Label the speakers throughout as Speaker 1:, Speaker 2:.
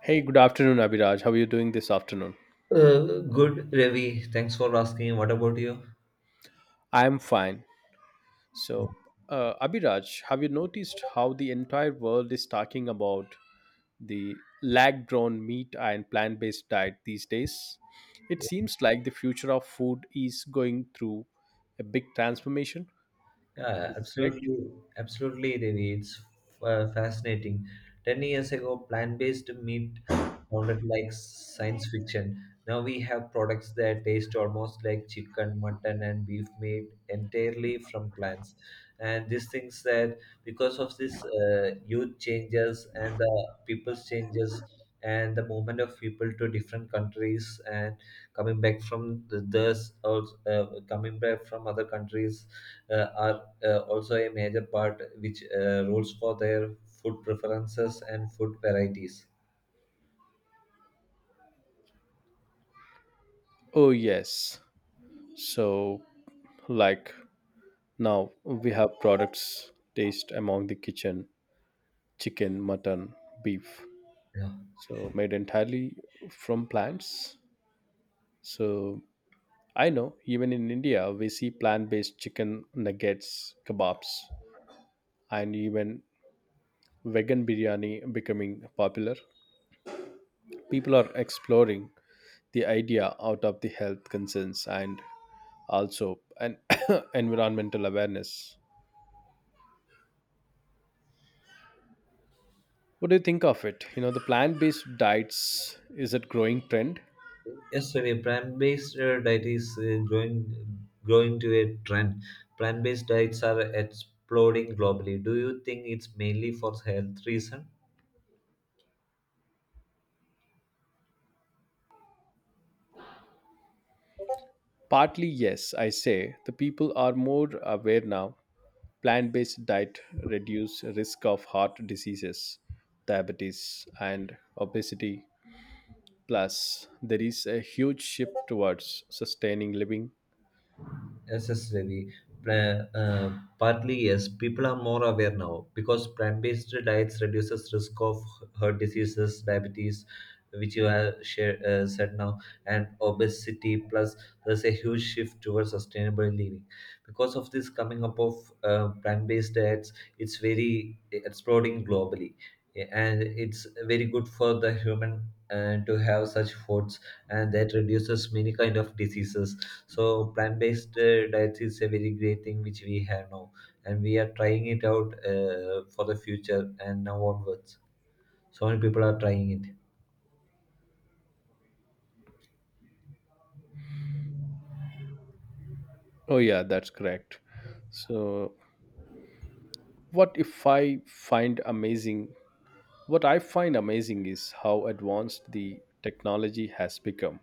Speaker 1: Hey, good afternoon, Abhiraj. How are you doing this afternoon?
Speaker 2: Good, Ravi. Thanks for asking. What about you?
Speaker 1: I'm fine. So, Abhiraj, have you noticed how the entire world is talking about the lag drawn meat and plant based diet these days? It seems like the future of food is going through a big transformation.
Speaker 2: Yeah,
Speaker 1: Is this correct?
Speaker 2: absolutely, absolutely, Ravi. It's fascinating. 10 years ago, plant-based meat sounded like science fiction. Now we have products that taste almost like chicken, mutton, and beef made entirely from plants. And these things that because of this youth changes and the people's changes and the movement of people to different countries and coming back from the this also, coming back from other countries are also a major part which rules for their food preferences and food varieties.
Speaker 1: Oh, yes. So, like now we have products taste among the kitchen chicken, mutton, beef, so made entirely from plants. So I know even in India we see plant-based chicken nuggets, kebabs, and even vegan biryani becoming popular. People are exploring the idea out of the health concerns and also an environmental awareness. What do you think of it? You know, the plant-based diets, is it growing trend?
Speaker 2: Yesterday plant-based diet is growing to a trend. Plant-based diets are exploding globally. Do you think it's mainly for health reason?
Speaker 1: Partly yes, I say the people are more aware now, plant-based diet reduce risk of heart diseases, diabetes, and obesity. Plus, there is a huge shift towards sustaining living.
Speaker 2: Yes, yes, Ravi. Partly yes, people are more aware now because plant-based diets reduces risk of heart diseases, diabetes, which you have shared, said now, and obesity. Plus, there's a huge shift towards sustainable living. Because of this coming up of plant-based diets, it's very exploding globally, and it's very good for the human to have such foods, and that reduces many kind of diseases. So plant-based diet is a very great thing which we have now, and we are trying it out for the future and now onwards. So many people are trying it.
Speaker 1: Oh yeah, that's correct. So what if I find amazing what I find amazing is how advanced the technology has become.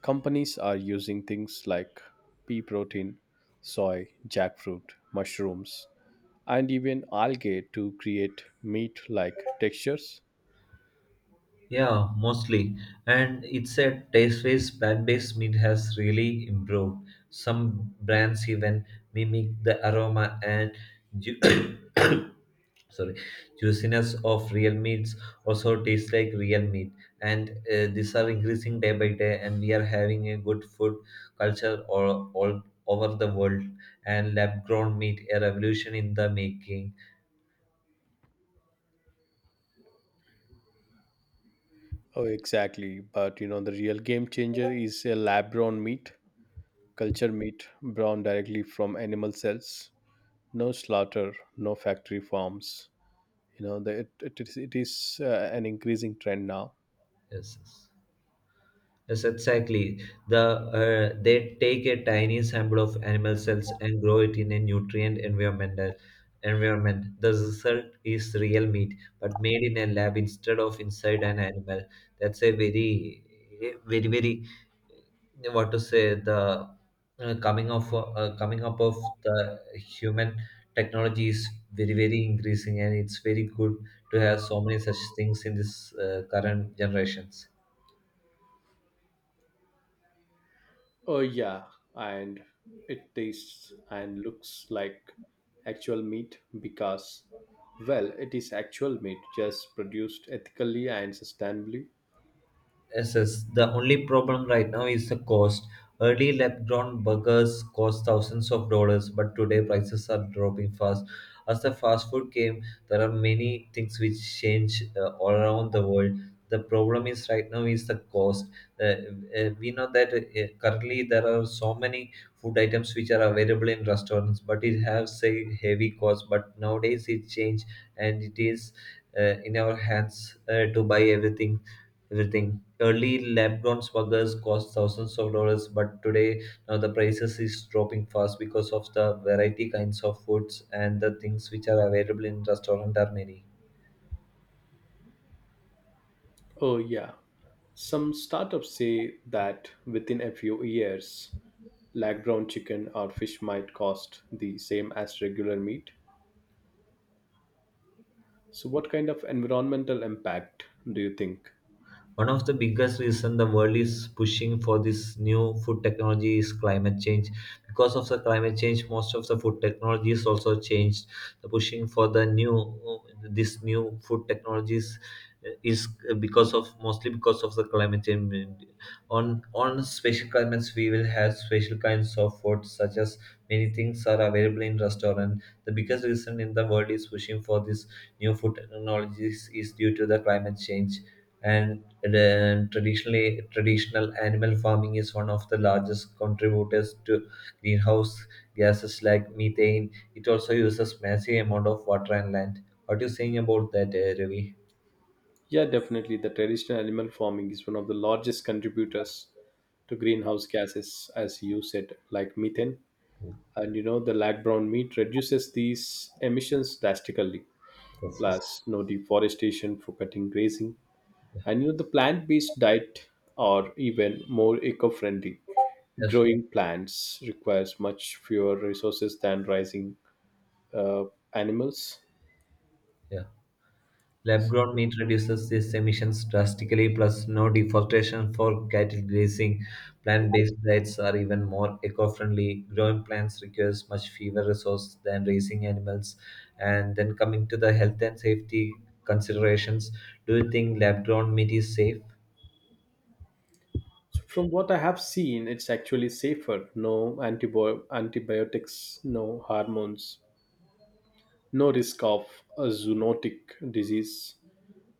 Speaker 1: Companies are using things like pea protein, soy, jackfruit, mushrooms, and even algae to create meat like textures.
Speaker 2: Yeah, mostly. And it's a taste-based plant-based meat has really improved. Some brands even mimic the aroma and ju- sorry juiciness of real meats, also tastes like real meat, and these are increasing day by day and we are having a good food culture all over the world. And lab grown meat, a revolution in the making.
Speaker 1: Oh, exactly. But you know, the real game changer is a lab grown meat, culture meat grown directly from animal cells. No slaughter, no factory farms. You know, the, it, it is an increasing trend now.
Speaker 2: Yes. Yes. Yes, exactly. The they take a tiny sample of animal cells and grow it in a nutrient environment. The result is real meat, but made in a lab instead of inside an animal. That's a very, very, very what to say the coming of coming up of the human technology is very very increasing, and it's very good to have so many such things in this current generations.
Speaker 1: Oh, yeah. And it tastes and looks like actual meat because, well, it is actual meat just produced ethically and sustainably.
Speaker 2: Yes. The only problem right now is the cost. Early lab grown burgers cost thousands of dollars, but today prices are dropping fast. As the fast food came, there are many things which change all around the world. The problem is right now is the cost. Uh, we know that currently there are so many food items which are available in restaurants, but it has a heavy cost. But nowadays it changed, and it is in our hands to buy everything. Early lab-grown smuggers cost thousands of dollars, but today now the prices is dropping fast because of the variety kinds of foods and the things which are available in restaurant are many.
Speaker 1: Oh, yeah. Some startups say that within a few years, like brown chicken or fish might cost the same as regular meat. So, what kind of environmental impact do you think?
Speaker 2: One of the biggest reasons the world is pushing for this new food technology is climate change. Because of the climate change, most of the food technology is also changed. The pushing for the new this new food technologies is because of mostly because of the climate change. On special climates, we will have special kinds of food, such as many things are available in restaurant. The biggest reason in the world is pushing for this new food technologies is due to the climate change. And then traditional animal farming is one of the largest contributors to greenhouse gases like methane. It also uses massive amount of water and land. What are you saying about that, Ravi?
Speaker 1: Yeah, definitely. The traditional animal farming is one of the largest contributors to greenhouse gases, as you said, like methane. And you know, the lag brown meat reduces these emissions drastically.
Speaker 2: Yes, yes.
Speaker 1: Plus, no deforestation for cutting grazing.
Speaker 2: Yeah.
Speaker 1: And you know, the plant based diet are even more eco friendly.
Speaker 2: Yes.
Speaker 1: Growing plants requires much fewer resources than raising uh, animals.
Speaker 2: Yeah. Lab-grown meat reduces these emissions drastically, plus no deforestation for cattle grazing. Plant-based diets are even more eco-friendly. Growing plants requires much fewer resources than raising animals. And then coming to the health and safety considerations, do you think lab-grown meat is safe?
Speaker 1: So, from what I have seen, it's actually safer. No antibiotics, no hormones, no risk of a zoonotic disease.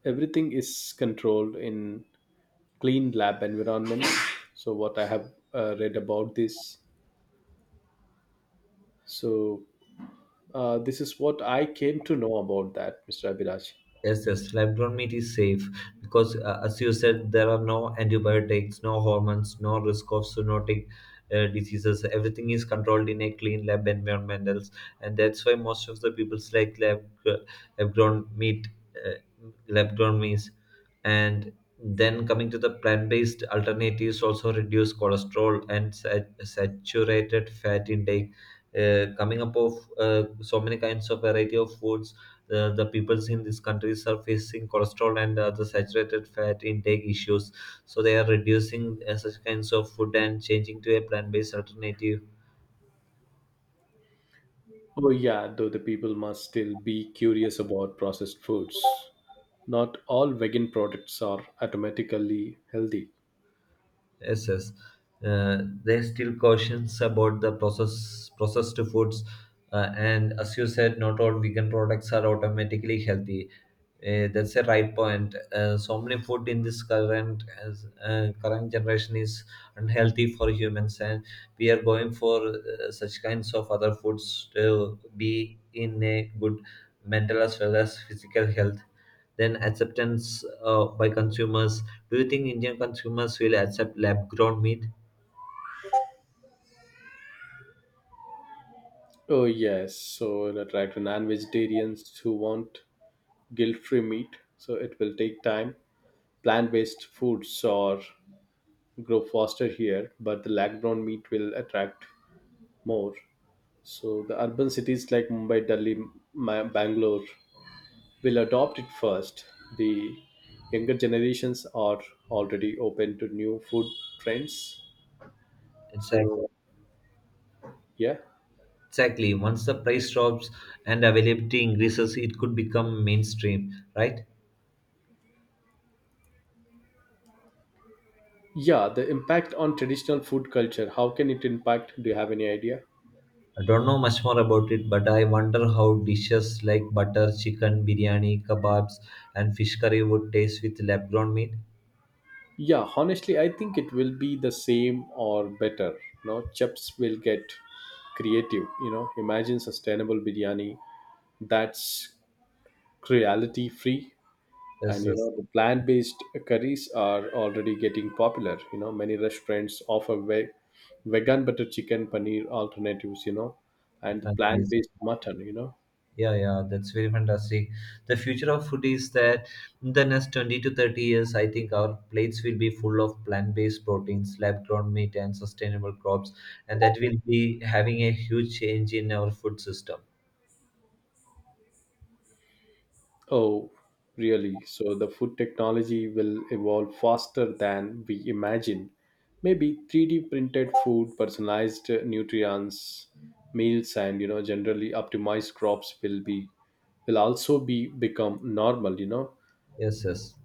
Speaker 1: Everything is controlled in clean lab environment. So, what I have read about this. So, this is what I came to know about that, Mr. Abhiraj.
Speaker 2: Yes, yes, lab-grown meat is safe because, as you said, there are no antibiotics, no hormones, no risk of zoonotic diseases. Everything is controlled in a clean lab environment, else, and that's why most of the people like lab-grown meat, uh, lab-grown meats, and then coming to the plant-based alternatives also reduce cholesterol and saturated fat intake. Coming up of so many kinds of variety of foods, the peoples in these countries are facing cholesterol and other saturated fat intake issues, so they are reducing such kinds of food and changing to a plant-based alternative.
Speaker 1: Oh, yeah, though the people must still be curious about processed foods. Not all vegan products are automatically healthy.
Speaker 2: Yes, yes. There are still cautions about the processed foods, and as you said, not all vegan products are automatically healthy. That's a right point. So many food in this current generation is unhealthy for humans, and we are going for such kinds of other foods to be in a good mental as well as physical health. Then acceptance by consumers, do you think Indian consumers will accept lab grown meat?
Speaker 1: Oh, yes, so it will attract non vegetarians who want guilt free meat, so it will take time. Plant based foods are grow faster here, but the lag brown meat will attract more. So the urban cities like Mumbai, Delhi, Bangalore will adopt it first. The younger generations are already open to new food trends.
Speaker 2: Exac-
Speaker 1: So, yeah.
Speaker 2: Exactly. Once the price drops and availability increases, it could become mainstream, right?
Speaker 1: Yeah, the impact on traditional food culture, how can it impact? Do you have any idea?
Speaker 2: I don't know much more about it, but I wonder how dishes like butter chicken, biryani, kebabs, and fish curry would taste with lab grown meat.
Speaker 1: Yeah, honestly, I think it will be the same or better. No, chefs will get creative. You know, imagine sustainable biryani that's cruelty free. And you
Speaker 2: Yes,
Speaker 1: know, the plant-based curries are already getting popular. You know, many restaurants offer vegan butter chicken, paneer alternatives, you know, and the
Speaker 2: yes.
Speaker 1: plant-based mutton, you know.
Speaker 2: Yeah, yeah, that's very fantastic. The future of food is that in the next 20 to 30 years, I think our plates will be full of plant based proteins, lab grown meat, and sustainable crops. And that will be having a huge change in our food system.
Speaker 1: Oh, really, so the food technology will evolve faster than we imagine. Maybe 3D printed food, personalized nutrients meals, and you know, generally optimized crops will be will also be become normal, you know.
Speaker 2: Yes, yes.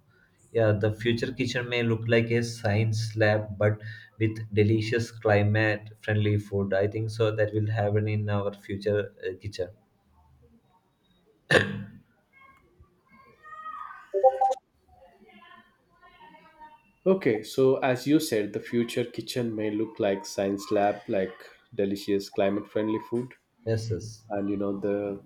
Speaker 2: Yeah, the future kitchen may look like a science lab, but with delicious climate friendly food. I think so that will happen in our future kitchen.
Speaker 1: Okay, so as you said, the future kitchen may look like science lab, like delicious climate friendly food.
Speaker 2: Yes, yes.
Speaker 1: And you know, the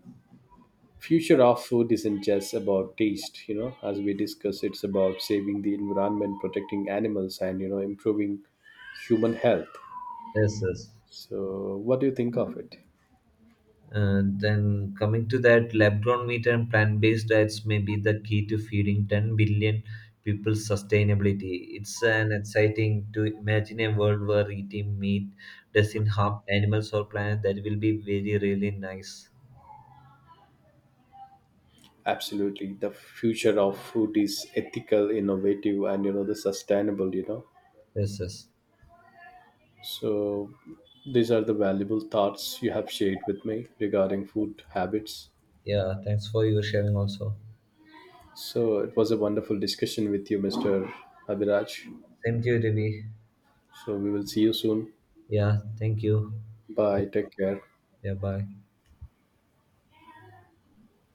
Speaker 1: future of food isn't just about taste, you know, as we discussed, it's about saving the environment, protecting animals, and you know, improving human health.
Speaker 2: Yes, yes.
Speaker 1: So, what do you think of it?
Speaker 2: Then coming to that, lab-grown meat and plant-based diets may be the key to feeding 10 billion people sustainability. It's an exciting to imagine a world where eating meat doesn't harm animals or planet. That will be very really nice.
Speaker 1: Absolutely, the future of food is ethical, innovative, and you know, the sustainable, you know.
Speaker 2: Yes, yes.
Speaker 1: So, these are the valuable thoughts you have shared with me regarding food habits.
Speaker 2: Yeah, thanks for your sharing also.
Speaker 1: So, it was a wonderful discussion with you, Mr. Abhiraj.
Speaker 2: Same to you, Devi.
Speaker 1: So, we will see you soon.
Speaker 2: Yeah, thank you. Bye.
Speaker 1: Bye. Take care.
Speaker 2: Yeah, bye.